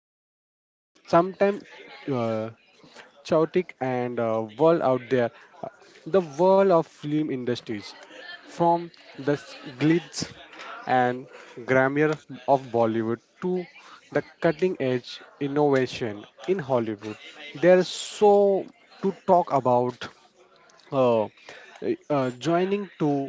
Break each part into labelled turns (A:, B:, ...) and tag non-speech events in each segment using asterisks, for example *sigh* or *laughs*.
A: something sometimes chaotic and world out there, uh, the world of film industries, from the glitz and grandeur of Bollywood to the cutting edge innovation in Hollywood. There's so to talk about uh, joining to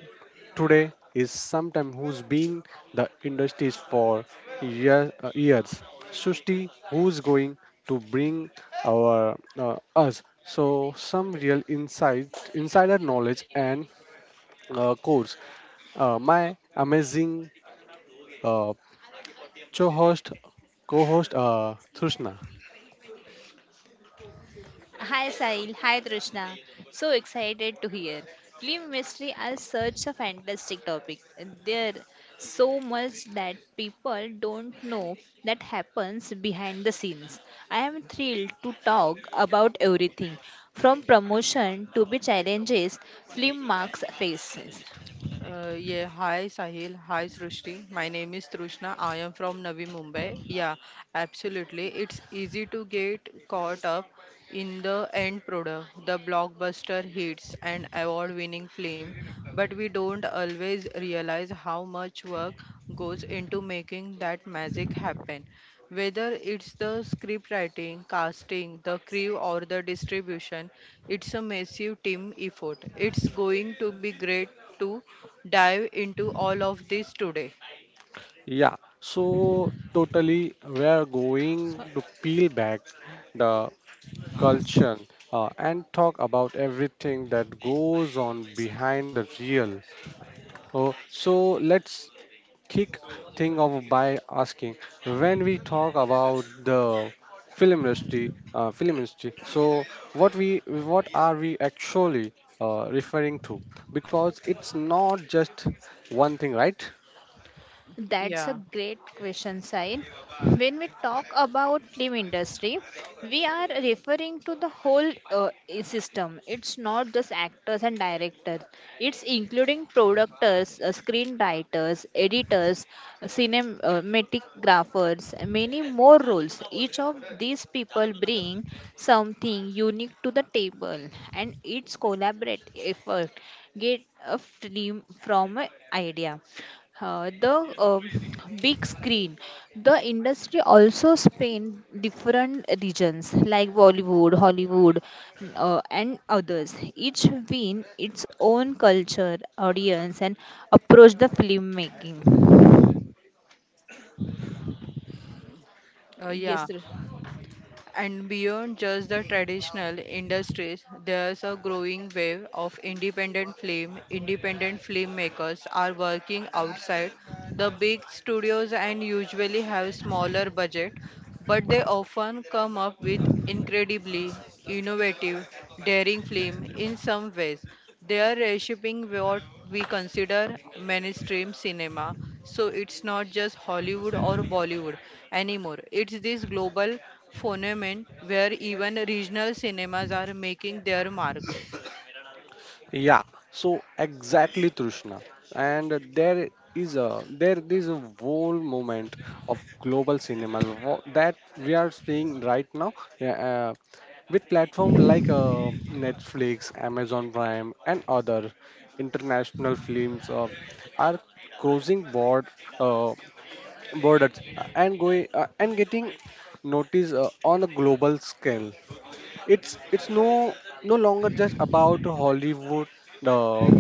A: today is sometime who's been the industries for years. Sushti, who's going to bring our us so some real insider knowledge and course. My amazing uh,
B: am looking
A: co-host, co-host, Thushna.
C: Hi Sahil, hi Trishna. So excited to hear. Film mystery is such a fantastic topic. There so much that people don't know that happens behind the scenes. I am thrilled to talk about everything from promotion to the challenges film marks faces.
B: Yeah, Hi Sahil, hi Srushti. My name is Trishna. I am from Navi Mumbai. Yeah, absolutely. It's easy to get caught up in the end product, the blockbuster hits and award-winning film, but we don't always realize how much work goes into making that magic happen. Whether it's the script writing, casting, the crew, or the distribution, it's a massive team effort. It's going to be great too dive into all of this today.
A: Yeah, so totally, we are going to peel back the culture, and talk about everything that goes on behind the real. Oh, so let's kick thing off by asking when we talk about the film industry. So what we what are we actually referring to? Because it's not just one thing, right?
C: That's a
B: Yeah,
C: great question, Sai. When we talk about film industry, we are referring to the whole system. It's not just actors and directors. It's including producers, screenwriters, editors, cinematographers, many more roles. Each of these people bring something unique to the table, and its collaborative effort get a film from an idea the big screen the industry also spanned different regions like Bollywood, Hollywood, and others each win its own culture audience and approach the filmmaking
B: uh, yeah.
C: yes sir.
B: And beyond just the traditional industries, there's a growing wave of independent film. Independent filmmakers are working outside the big studios and usually have smaller budget, but they often come up with incredibly innovative, daring film in some ways. They are reshaping what we consider mainstream cinema. So it's not just Hollywood or Bollywood anymore. It's this global phenomenon where even regional cinemas are making their mark.
A: Yeah, so exactly, Trishna. And there is a whole moment of global cinemas that we are seeing right now. Yeah, uh, with platform like Netflix, Amazon Prime, and other international films are crossing board uh, borders and going and getting noticed on a global scale. It's no longer just about Hollywood uh,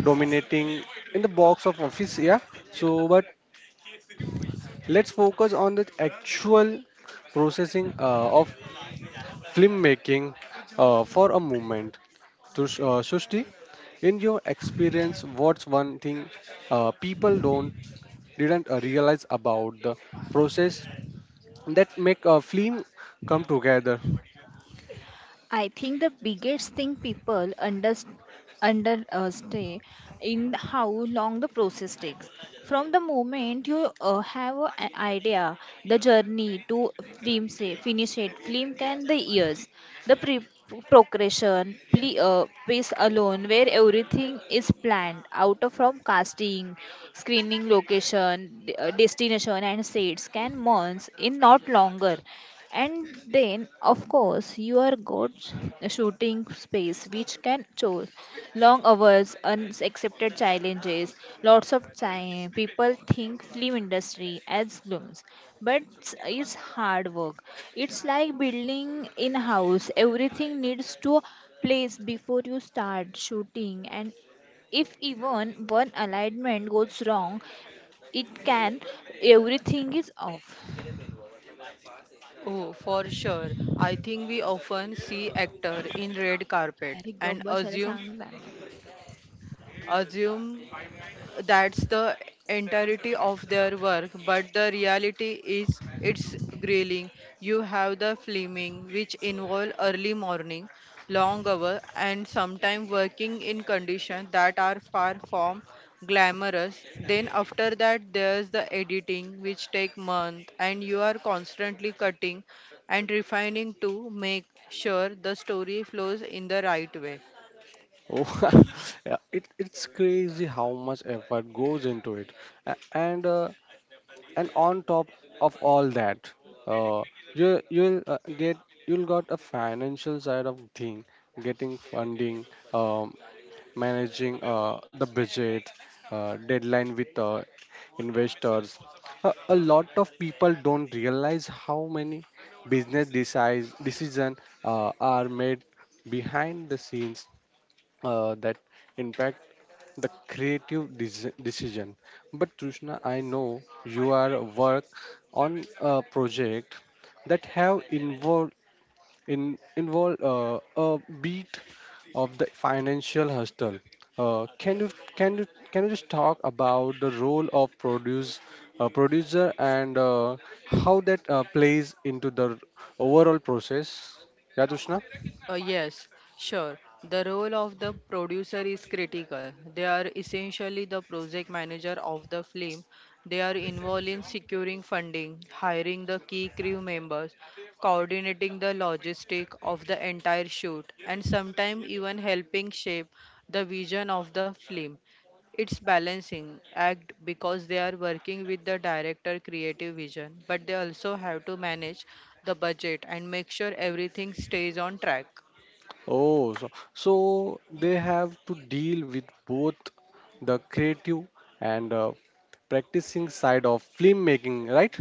A: dominating in the box of office, yeah. So, but let's focus on the actual processing of filmmaking for a moment. So, Srushti, in your experience, what's one thing people don't didn't realize about the process that make a film come together?
C: I think the biggest thing people underestimate in how long the process takes. From the moment you have an idea, the journey to film say, finish it, film can the years, the progression, piece alone where everything is planned out of from casting, screening location, destination and sets can months in not longer and then, of course, your goat's shooting space, which can choose long hours, unaccepted challenges, lots of time. People think film industry as glooms, but it's hard work. It's like building in house. Everything needs to place before you start shooting, and if even one alignment goes wrong, it can everything is off.
B: Oh, for sure. I think we often see actor in red carpet
C: अरे गप
B: and
C: बसायला
B: assume
C: सांग ना
B: assume that's the entirety of their work, but the reality is it's grilling. You have the flaming which involve early morning, long hour, and sometimes working in conditions that are far from glamorous. Then after that there's the editing which take month, and you are constantly cutting and refining to make sure the story flows in the right way.
A: Oh, *laughs* yeah, it's crazy how much effort goes into it, A- and uh, and on top of all that, uh, you you'll uh, get you'll got a financial side of thing, getting funding, um, managing the budget, deadline with investors. A lot of people don't realize how many business decides decision are made behind the scenes that impact the creative decision. But Trishna, I know you are work on a project that have involved in involved a beat of the financial hustle. Uh, can you can you just talk about the role of producer and how that plays into the overall process? Yeah, Trishna.
B: Yes, sure. The role of the producer is critical. They are essentially the project manager of the film. They are involved in securing funding, hiring the key crew members, coordinating the logistic of the entire shoot, and sometimes even helping shape the vision of the film. It's balancing act because they are working with the director creative vision, but they also have to manage the budget and make sure everything stays on track.
A: Oh, so, so, they have to deal with both the creative and practicing side of filmmaking, right?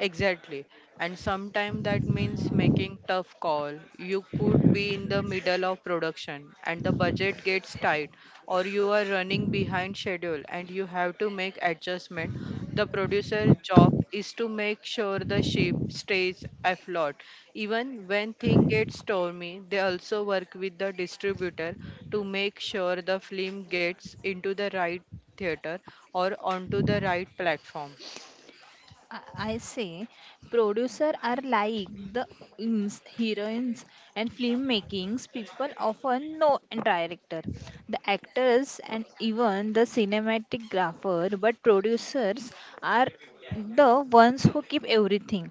B: Exactly. And sometimes that means making tough call. You could be in the middle of production and the budget gets tight, or you are running behind schedule and you have to make adjustment. The producer's job is to make sure the ship stays afloat. Even when things get stormy, they also work with the distributor to make sure the film gets into the right theater or onto the right platform.
C: I I say producer are like the heroines and film makings people often know and director the actors and even the cinematographer, but producers are the ones who keep everything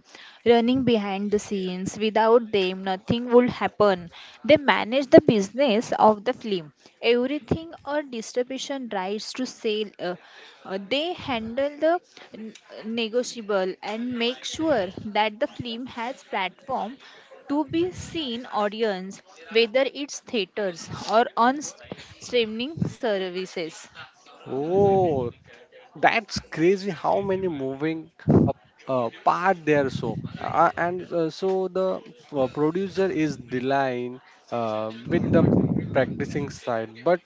C: running behind the scenes without them nothing would happen. They manage the business of the film. Everything or distribution rights to sale. They handle the n- negotiable and make sure that the film has platform to be seen audience whether it's theaters or on streaming services.
A: Oh, that's crazy how many moving uh, part there. So, the producer is dealing with the practicing side, but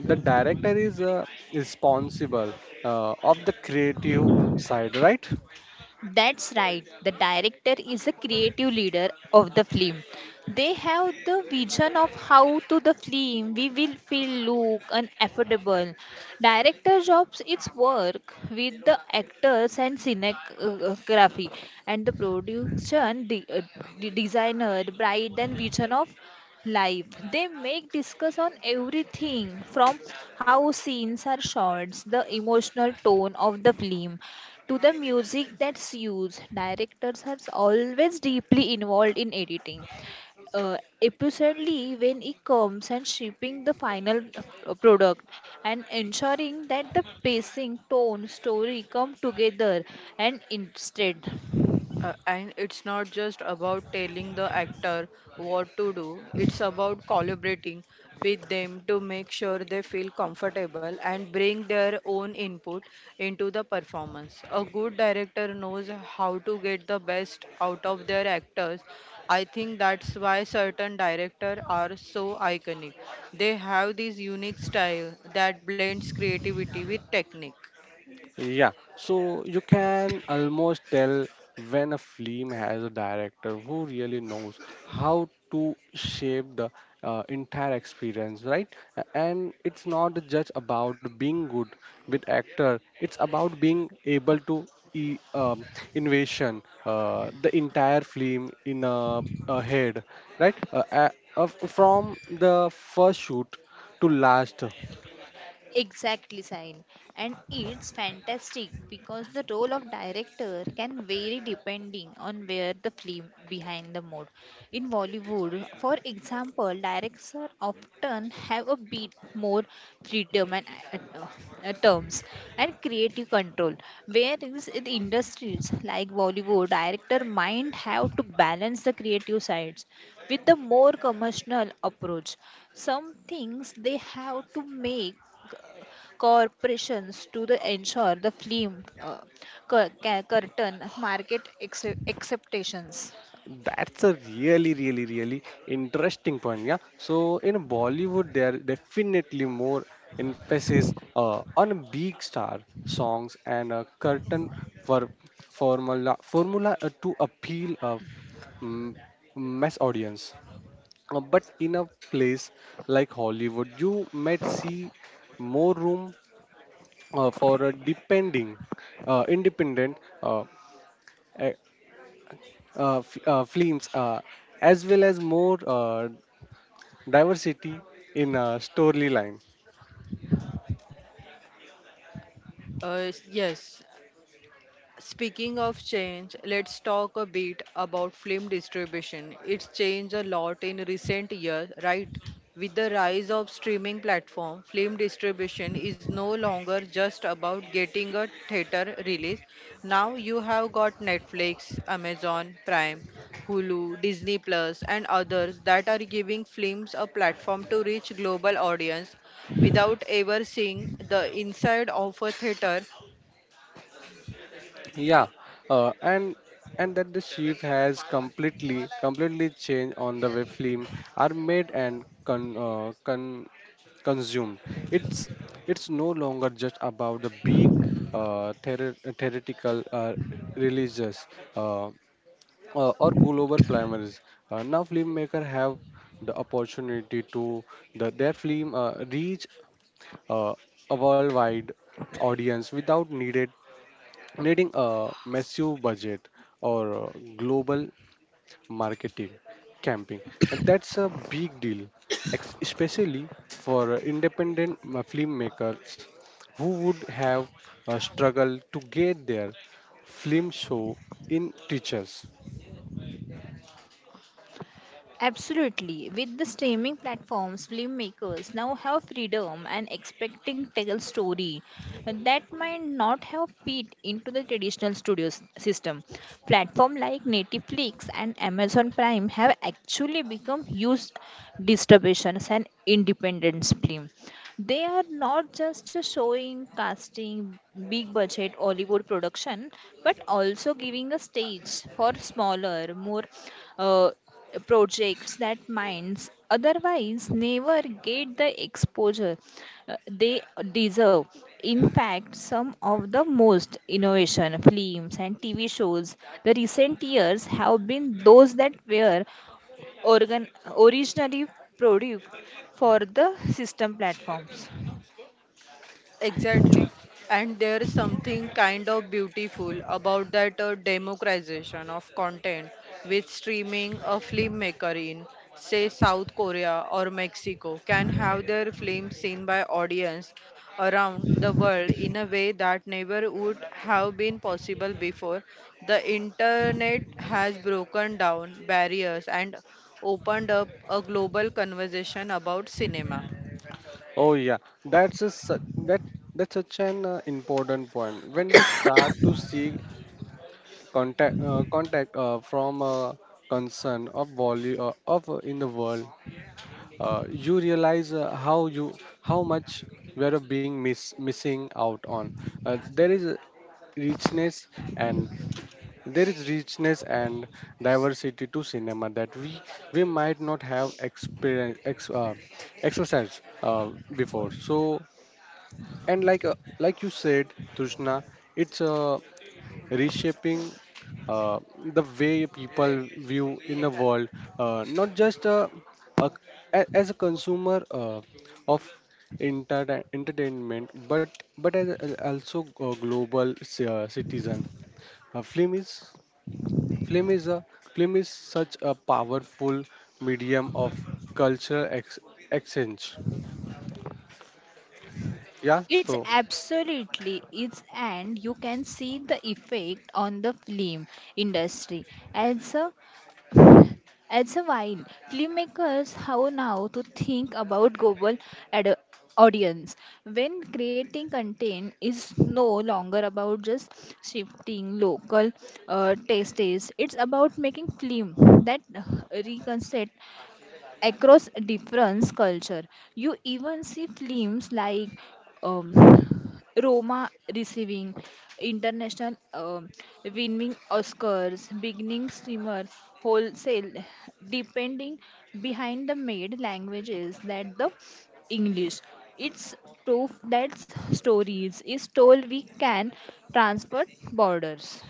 A: the director is responsible of the creative side, right?
C: That's right. The director is a creative leader of the film. They have the vision of how to the film we will feel look and affordable. Director jobs its work with the actors and cinematography and the production designer bright and vision of live. They make discuss on everything from how scenes are shot, the emotional tone of the film, to the music that's used. Directors are always deeply involved in editing. Uh, Episodely when it comes and shipping the final product and ensuring that the pacing tone story come together and instead.
B: And it's not just about telling the actor what to do, it's about collaborating with them to make sure they feel comfortable and bring their own input into the performance. A good director knows how to get the best out of their actors. I think that's why certain directors are so iconic. They have this unique style that blends creativity with technique.
A: Yeah, so you can almost tell when a film has a director who really knows how to shape the entire experience, right? And it's not just about being good with actor; it's about being able to e- um, invasion the entire film in a head, right? From the first shoot to last.
C: Exactly, Sain. And it's fantastic because the role of director can vary depending on where the film behind the mood. In Bollywood, for example, directors often have a bit more freedom and uh, terms and creative control, whereas in industries like Bollywood, director might have to balance the creative sides with the more commercial approach. Some things they have to make uh, corporations to the ensure the film curtain market acceptations.
A: That's a really interesting point. Yeah. So in Bollywood, there are definitely more emphasis on big star songs and a curtain for formula to appeal a mm, mass audience. But in a place like Hollywood, you might see more room for independent uh, a- films, as well as more diversity in storyline.
B: Yes. Speaking of change, let's talk a bit about film distribution. It's changed a lot in recent years, right? With the rise of streaming platform, film distribution is no longer just about getting a theater release. Now you have got Netflix, Amazon Prime, Hulu, Disney Plus and others that are giving films a platform to reach global audience without ever seeing the inside of a theater.
A: Yeah, uh, and and that the shift has completely changed on the way film are made and consumed. It's it's no longer just about the big theoretical religious. Uh, or global primaries. Now filmmakers have the opportunity to their film reach uh, a worldwide audience without needed needing a massive budget or global marketing campaign. And that's a big deal, especially for independent filmmakers who would have struggled to get their film show in teachers.
C: Absolutely. With the streaming platforms, filmmakers now have freedom and expecting tell story that might not have fit into the traditional studio system. Platform like Netflix and Amazon Prime have actually become huge distributions and independence film. They are not just showing casting big budget Hollywood production, but also giving a stage for smaller, more uh, projects that minds otherwise never get the exposure they deserve. In fact, some of the most innovation films and TV shows the recent years have been those that were organ- originally produced for the system platforms.
B: Exactly. And there is something kind of beautiful about that democratization of content. With streaming, a filmmaker in, say, South Korea or Mexico can have their film seen by audience around the world in a way that never would have been possible before. The internet has broken down barriers and opened up a global conversation about cinema.
A: Oh yeah, that's a such that that's such an important point. When you start to see contact from a concern of volume of in the world, you realize how much we are being missing out on. Uh, there is richness and there is richness and diversity to cinema that we might not have exercised before. So and like you said, Tushna, it's reshaping uh, the way people view in the world, not just a, as a consumer of entertainment, but as also a global citizen. Uh, film is film is a Film is such a powerful medium of cultural exchange. Yeah,
C: It's
A: so.
C: absolutely it's and you can see the effect on the film industry as a as a while, filmmakers have now to think about global ad- audience. When creating content is no longer about just shifting local tastes, it's about making film that reconstruct across different culture. You even see films like um, Roma receiving international winning Oscars, beginning streamer wholesale, depending behind the made languages that the English. It's proof that stories is told we can transfer borders.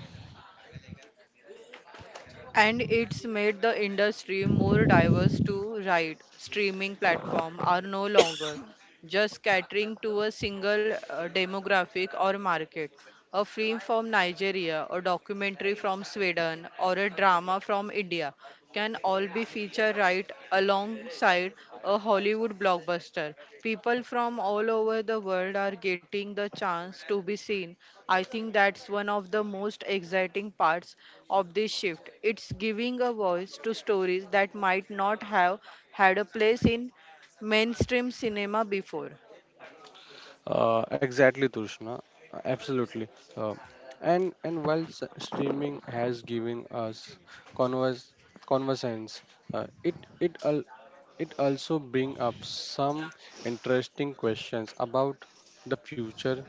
B: And it's made the industry more diverse too, right? Streaming platforms are no longer just catering to a single demographic or market. A film from Nigeria, a documentary from Sweden, or a drama from India can all be featured right alongside a Hollywood blockbuster. People from all over the world are getting the chance to be seen. I think that's one of the most exciting parts of this shift. It's giving a voice to stories that might not have had a place in mainstream cinema before.
A: Exactly, Tushna. Absolutely. Uh, and while streaming has given us converse conversations, uh, it it al- it also bring up some interesting questions about the future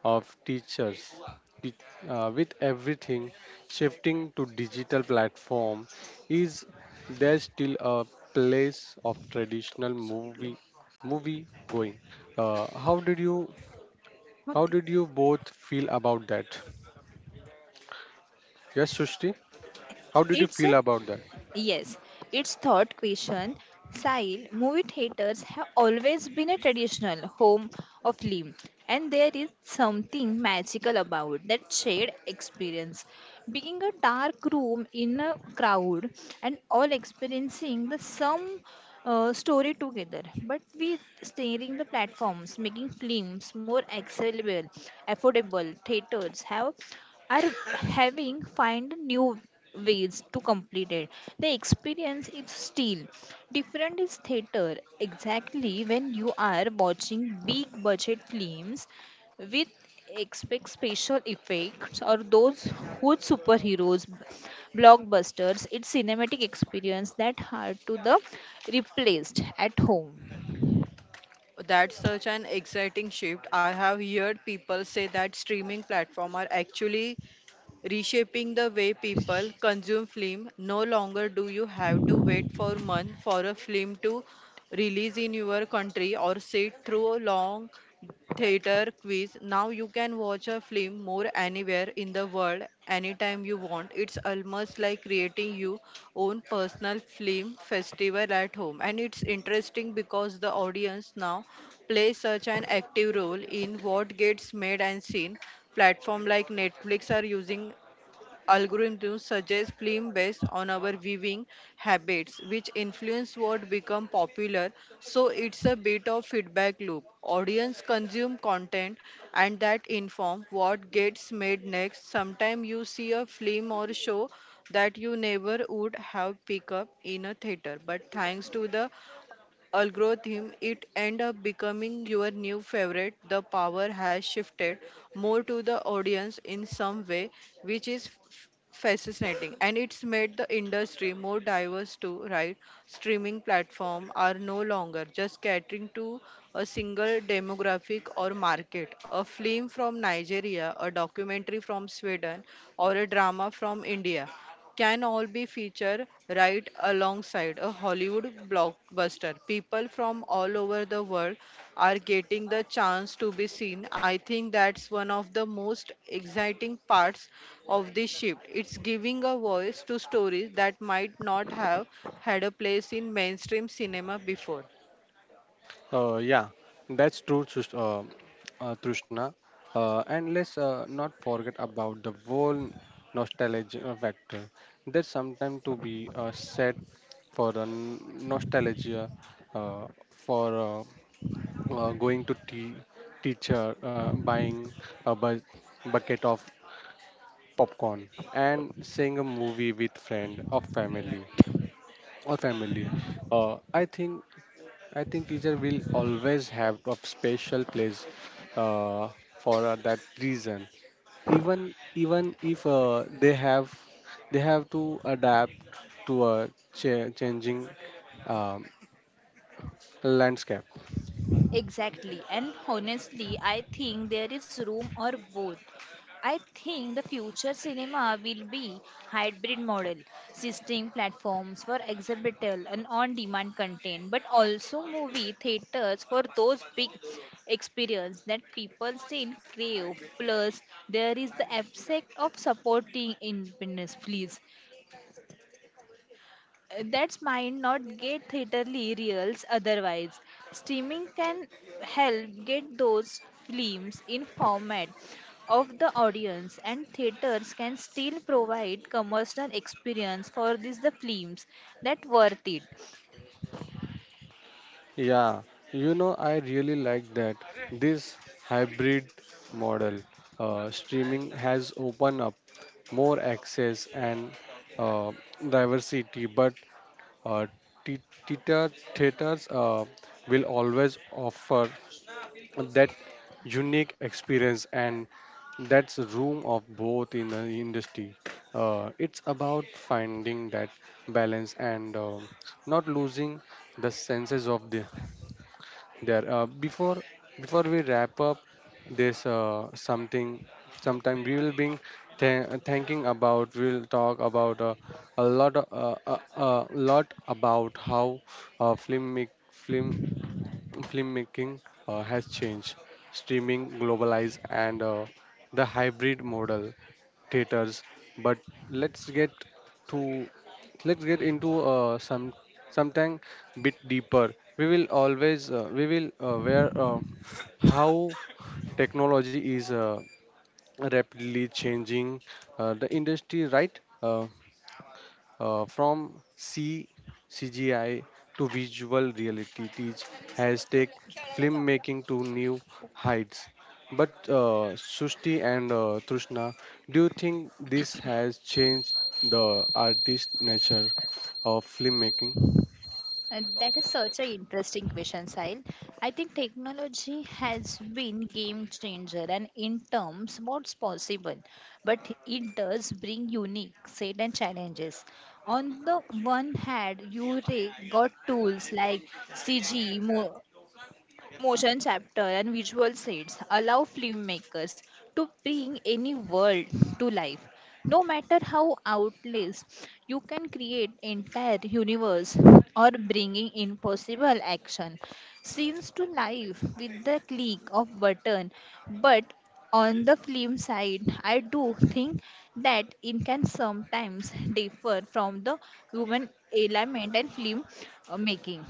A: of teachers. Te- with everything shifting to digital platform, is there still a place of traditional movie going? How did you
C: मग ते-
A: both feel about that? Yes, Sushti, how did you
C: It's a
A: feel about that?
C: yes, it's thought question. Sahil, movie theaters have always been a traditional home of film, and there is something magical about that shared experience. Being a dark room in a crowd and all experiencing the same story together, but with steering the platforms, making films more accessible, affordable, theaters have are having find new ways to complete it. The experience is still different is theater. Exactly when you are watching big budget films with expect special effects or those huge superheroes blockbusters it's cinematic experience that hard to the replaced at home.
B: That's such an exciting shift. I have heard people say that streaming platforms are actually reshaping the way people consume film. No longer do you have to wait for months for a film to release in your country or sit through a long theater quiz. Now you can watch a film more anywhere in the world, anytime you want. It's almost like creating your own personal film festival at home. And it's interesting because the audience now plays such an active role in what gets made and seen. Platform like Netflix are using algorithms suggest films based on our viewing habits, which influence what become popular. So it's a bit of feedback loop. Audience consume content and that inform what gets made next. Sometimes you see a film or show that you never would have picked up in a theater, but thanks to the algorithm it end up becoming your new favorite. The power has shifted more to the audience in some way, which is fascinating. And it's made the industry more diverse too, right? Streaming platforms are no longer just catering to a single demographic or market. A film from Nigeria, a documentary from Sweden, or a drama from India can all be featured right alongside a Hollywood blockbuster. People from all over the world are getting the chance to be seen. I think that's one of the most exciting parts of this shift. It's giving a voice to stories that might not have had a place in mainstream cinema before.
A: Yeah, that's true, Trishna. And let's not forget about the whole nostalgia factor. There's sometimes to be said for a nostalgia, for going to teacher, buying a bucket of popcorn and seeing a movie with friend or family. Uh, i think i think teacher will always have a special place uh, for that reason, even if they have to adapt to a changing um, landscape.
C: Exactly. And honestly, I think there is room or both. I think the future cinema will be hybrid model, system platforms for exhibitor and on-demand content, but also movie theaters for those big experience that people still crave. Plus, there is the aspect of supporting independence, please that's might not get theaterly reels otherwise. Streaming can help get those films in format of the audience and theaters can still provide commercial experience for these the films that worth it.
A: Yeah, you know, I really like that. This hybrid model. Uh, streaming has opened up more access and uh, diversity, but uh, thea- theaters will always offer that unique experience and that's room of both in the industry. It's about finding that balance and not losing the senses of the there. Before we wrap up this something sometime we will be thinking about, we'll talk about a lot about how film make film filmmaking has changed. Streaming, globalized, and the hybrid model theaters. But let's get to let's get into something bit deeper. We will always we will where How technology is rapidly changing the industry, right? From C CGI to visual reality, teach has taken filmmaking to new heights. But Sushti and Trishna, do you think this has changed the artist nature of filmmaking?
C: That is such an interesting question, Sahil. I think technology has been game changer and in terms what's possible, but it does bring unique set and challenges. On the one hand, you got tools like CG, Motion chapter and visual sets allow filmmakers to bring any world to life. No matter how outlays, you can create entire universe or bringing impossible action scenes to life with the click of button. But on the film side, I do think that it can sometimes differ from the human element and film making.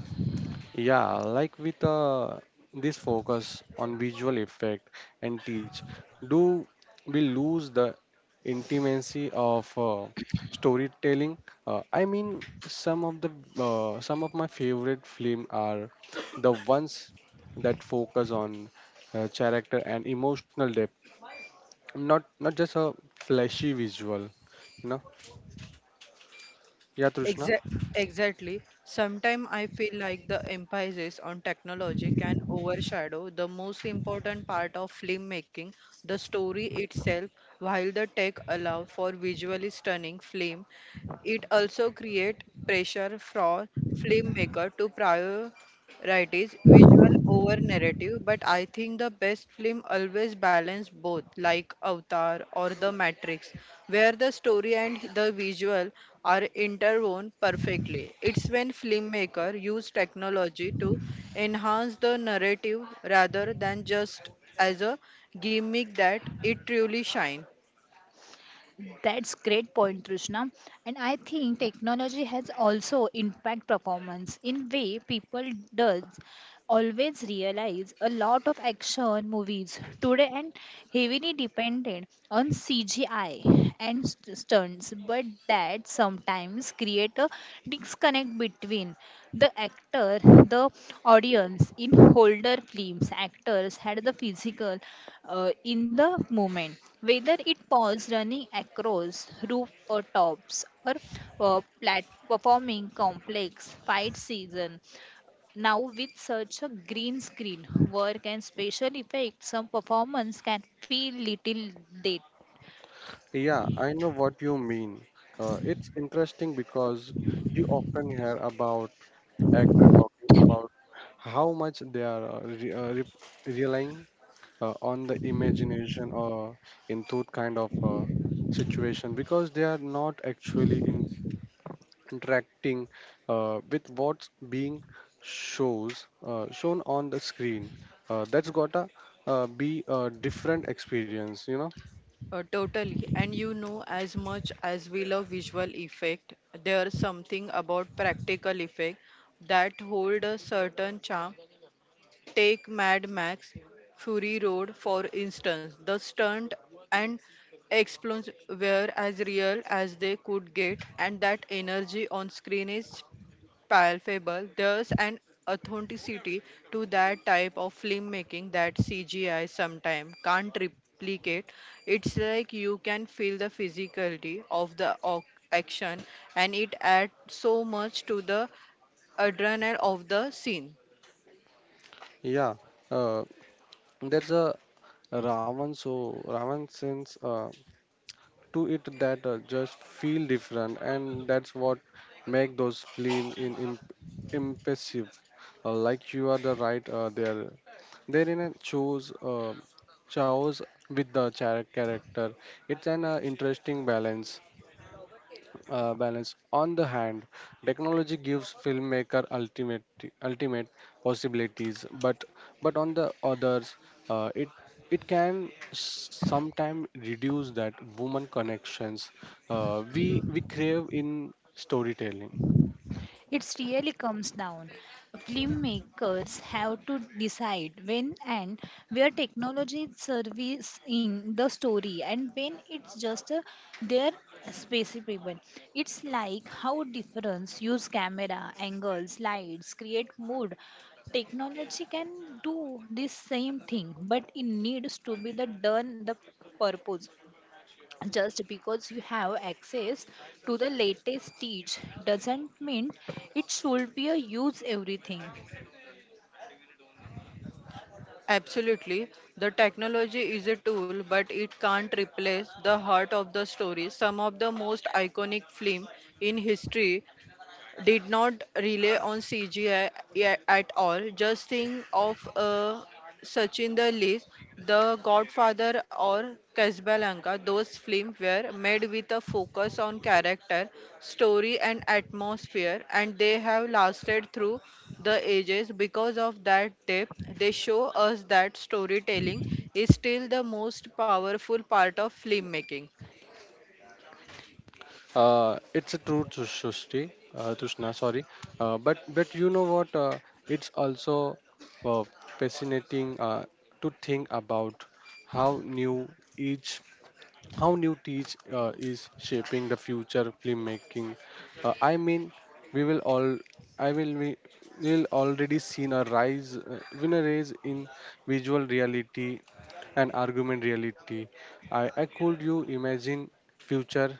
A: Yeah, like with this focus on visual effect and teach, do we lose the intimacy of storytelling? I mean, some of the some of my favorite film are the ones that focus on character and emotional depth, not just a flashy visual. You know? Yeah, Trishna.
B: Exa- exactly. Sometimes I feel like the emphasis on technology can overshadow the most important part of filmmaking, the story itself. While the tech allows for visually stunning film, it also creates pressure for filmmaker to prioritize visual over narrative, but I think the best film always balance both, like Avatar or The Matrix, where the story and the visual are interwoven perfectly. It's when filmmaker use technology to enhance the narrative rather than just as a gimmick that it truly shine.
C: That's great point, Trishna. And I think technology has also impact performance in way people does always realize a lot of action movies today and heavily dependent on CGI and stunts, but that sometimes create a disconnect between the actor, the audience. In older films, actors had the physical in the moment, whether it was running across roof or tops or performing complex fight season now, with such a green screen, work and special effects, some performance can feel little dated.
A: Yeah, I know what you mean. It's interesting because you often hear about actors talking about how much they are relying on the imagination or in that kind of situation because they are not actually interacting with what's being shows shown on the screen. That's gotta be a different experience, you know.
B: Totally. And you know, as much as we love visual effect, there's something about practical effect that hold a certain charm. Take Mad Max, Fury Road, for instance. The stunt and explosions were as real as they could get, and that energy on screen is palpable. There's an authenticity to that type of filmmaking that CGI sometimes can't replicate. It's like you can feel the physicality of the action, and it adds so much to the adrenaline of the scene.
A: Yeah. uh, There's a Ravan, so Ravan sense to it that just feel different, and that's what make those film in impressive. Like you are the right there. There in a chose with the character. It's an interesting balance. On the hand, technology gives filmmaker ultimate possibilities, but on the others, uh, it it can sometimes reduce that woman connections we crave in storytelling.
C: It really comes down. Filmmakers have to decide when and where technology is in the story and when it's just their specific. It's like how difference use camera, angles, lights, create mood. Technology can do this same thing, but it needs to be the done the purpose just because you have access to the latest teach doesn't mean it should be a use everything.
B: Absolutely. The technology is a tool, but it can't replace the heart of the story. Some of the most iconic film in history did not rely on CGI at all. Just think of Sachin the List, The Godfather, or Casablanca. Those films were made with a focus on character, story, and atmosphere, and they have lasted through the ages because of that depth. They show us that storytelling is still the most powerful part of filmmaking.
A: It's a true to Tushna, sorry. But you know what? It's also uh, fascinating to think about how new each how new teach is shaping the future filmmaking. I mean, we will all, I will we will already seen a rise, win a rise in visual reality and argument reality. I could you imagine future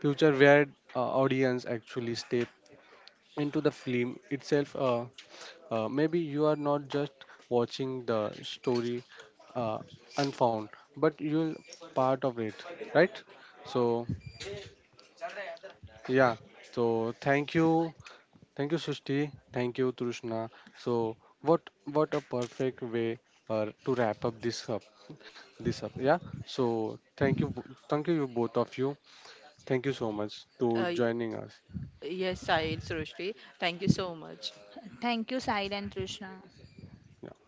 A: future where audience actually step into the film itself, maybe you are not just watching the story uh, unfound, but you're part of it, right? So, yeah. So, thank you. Thank you, Sushti. Thank you, Trushna. So, what a perfect way to wrap up this up. Yeah. So, thank you, thank you both of you. Thank you so much to
B: Uh, y-
A: joining us.
B: yes, Sahil, Srushti, thank you so much.
C: Thank you Sahil and Trishna.
A: Yeah.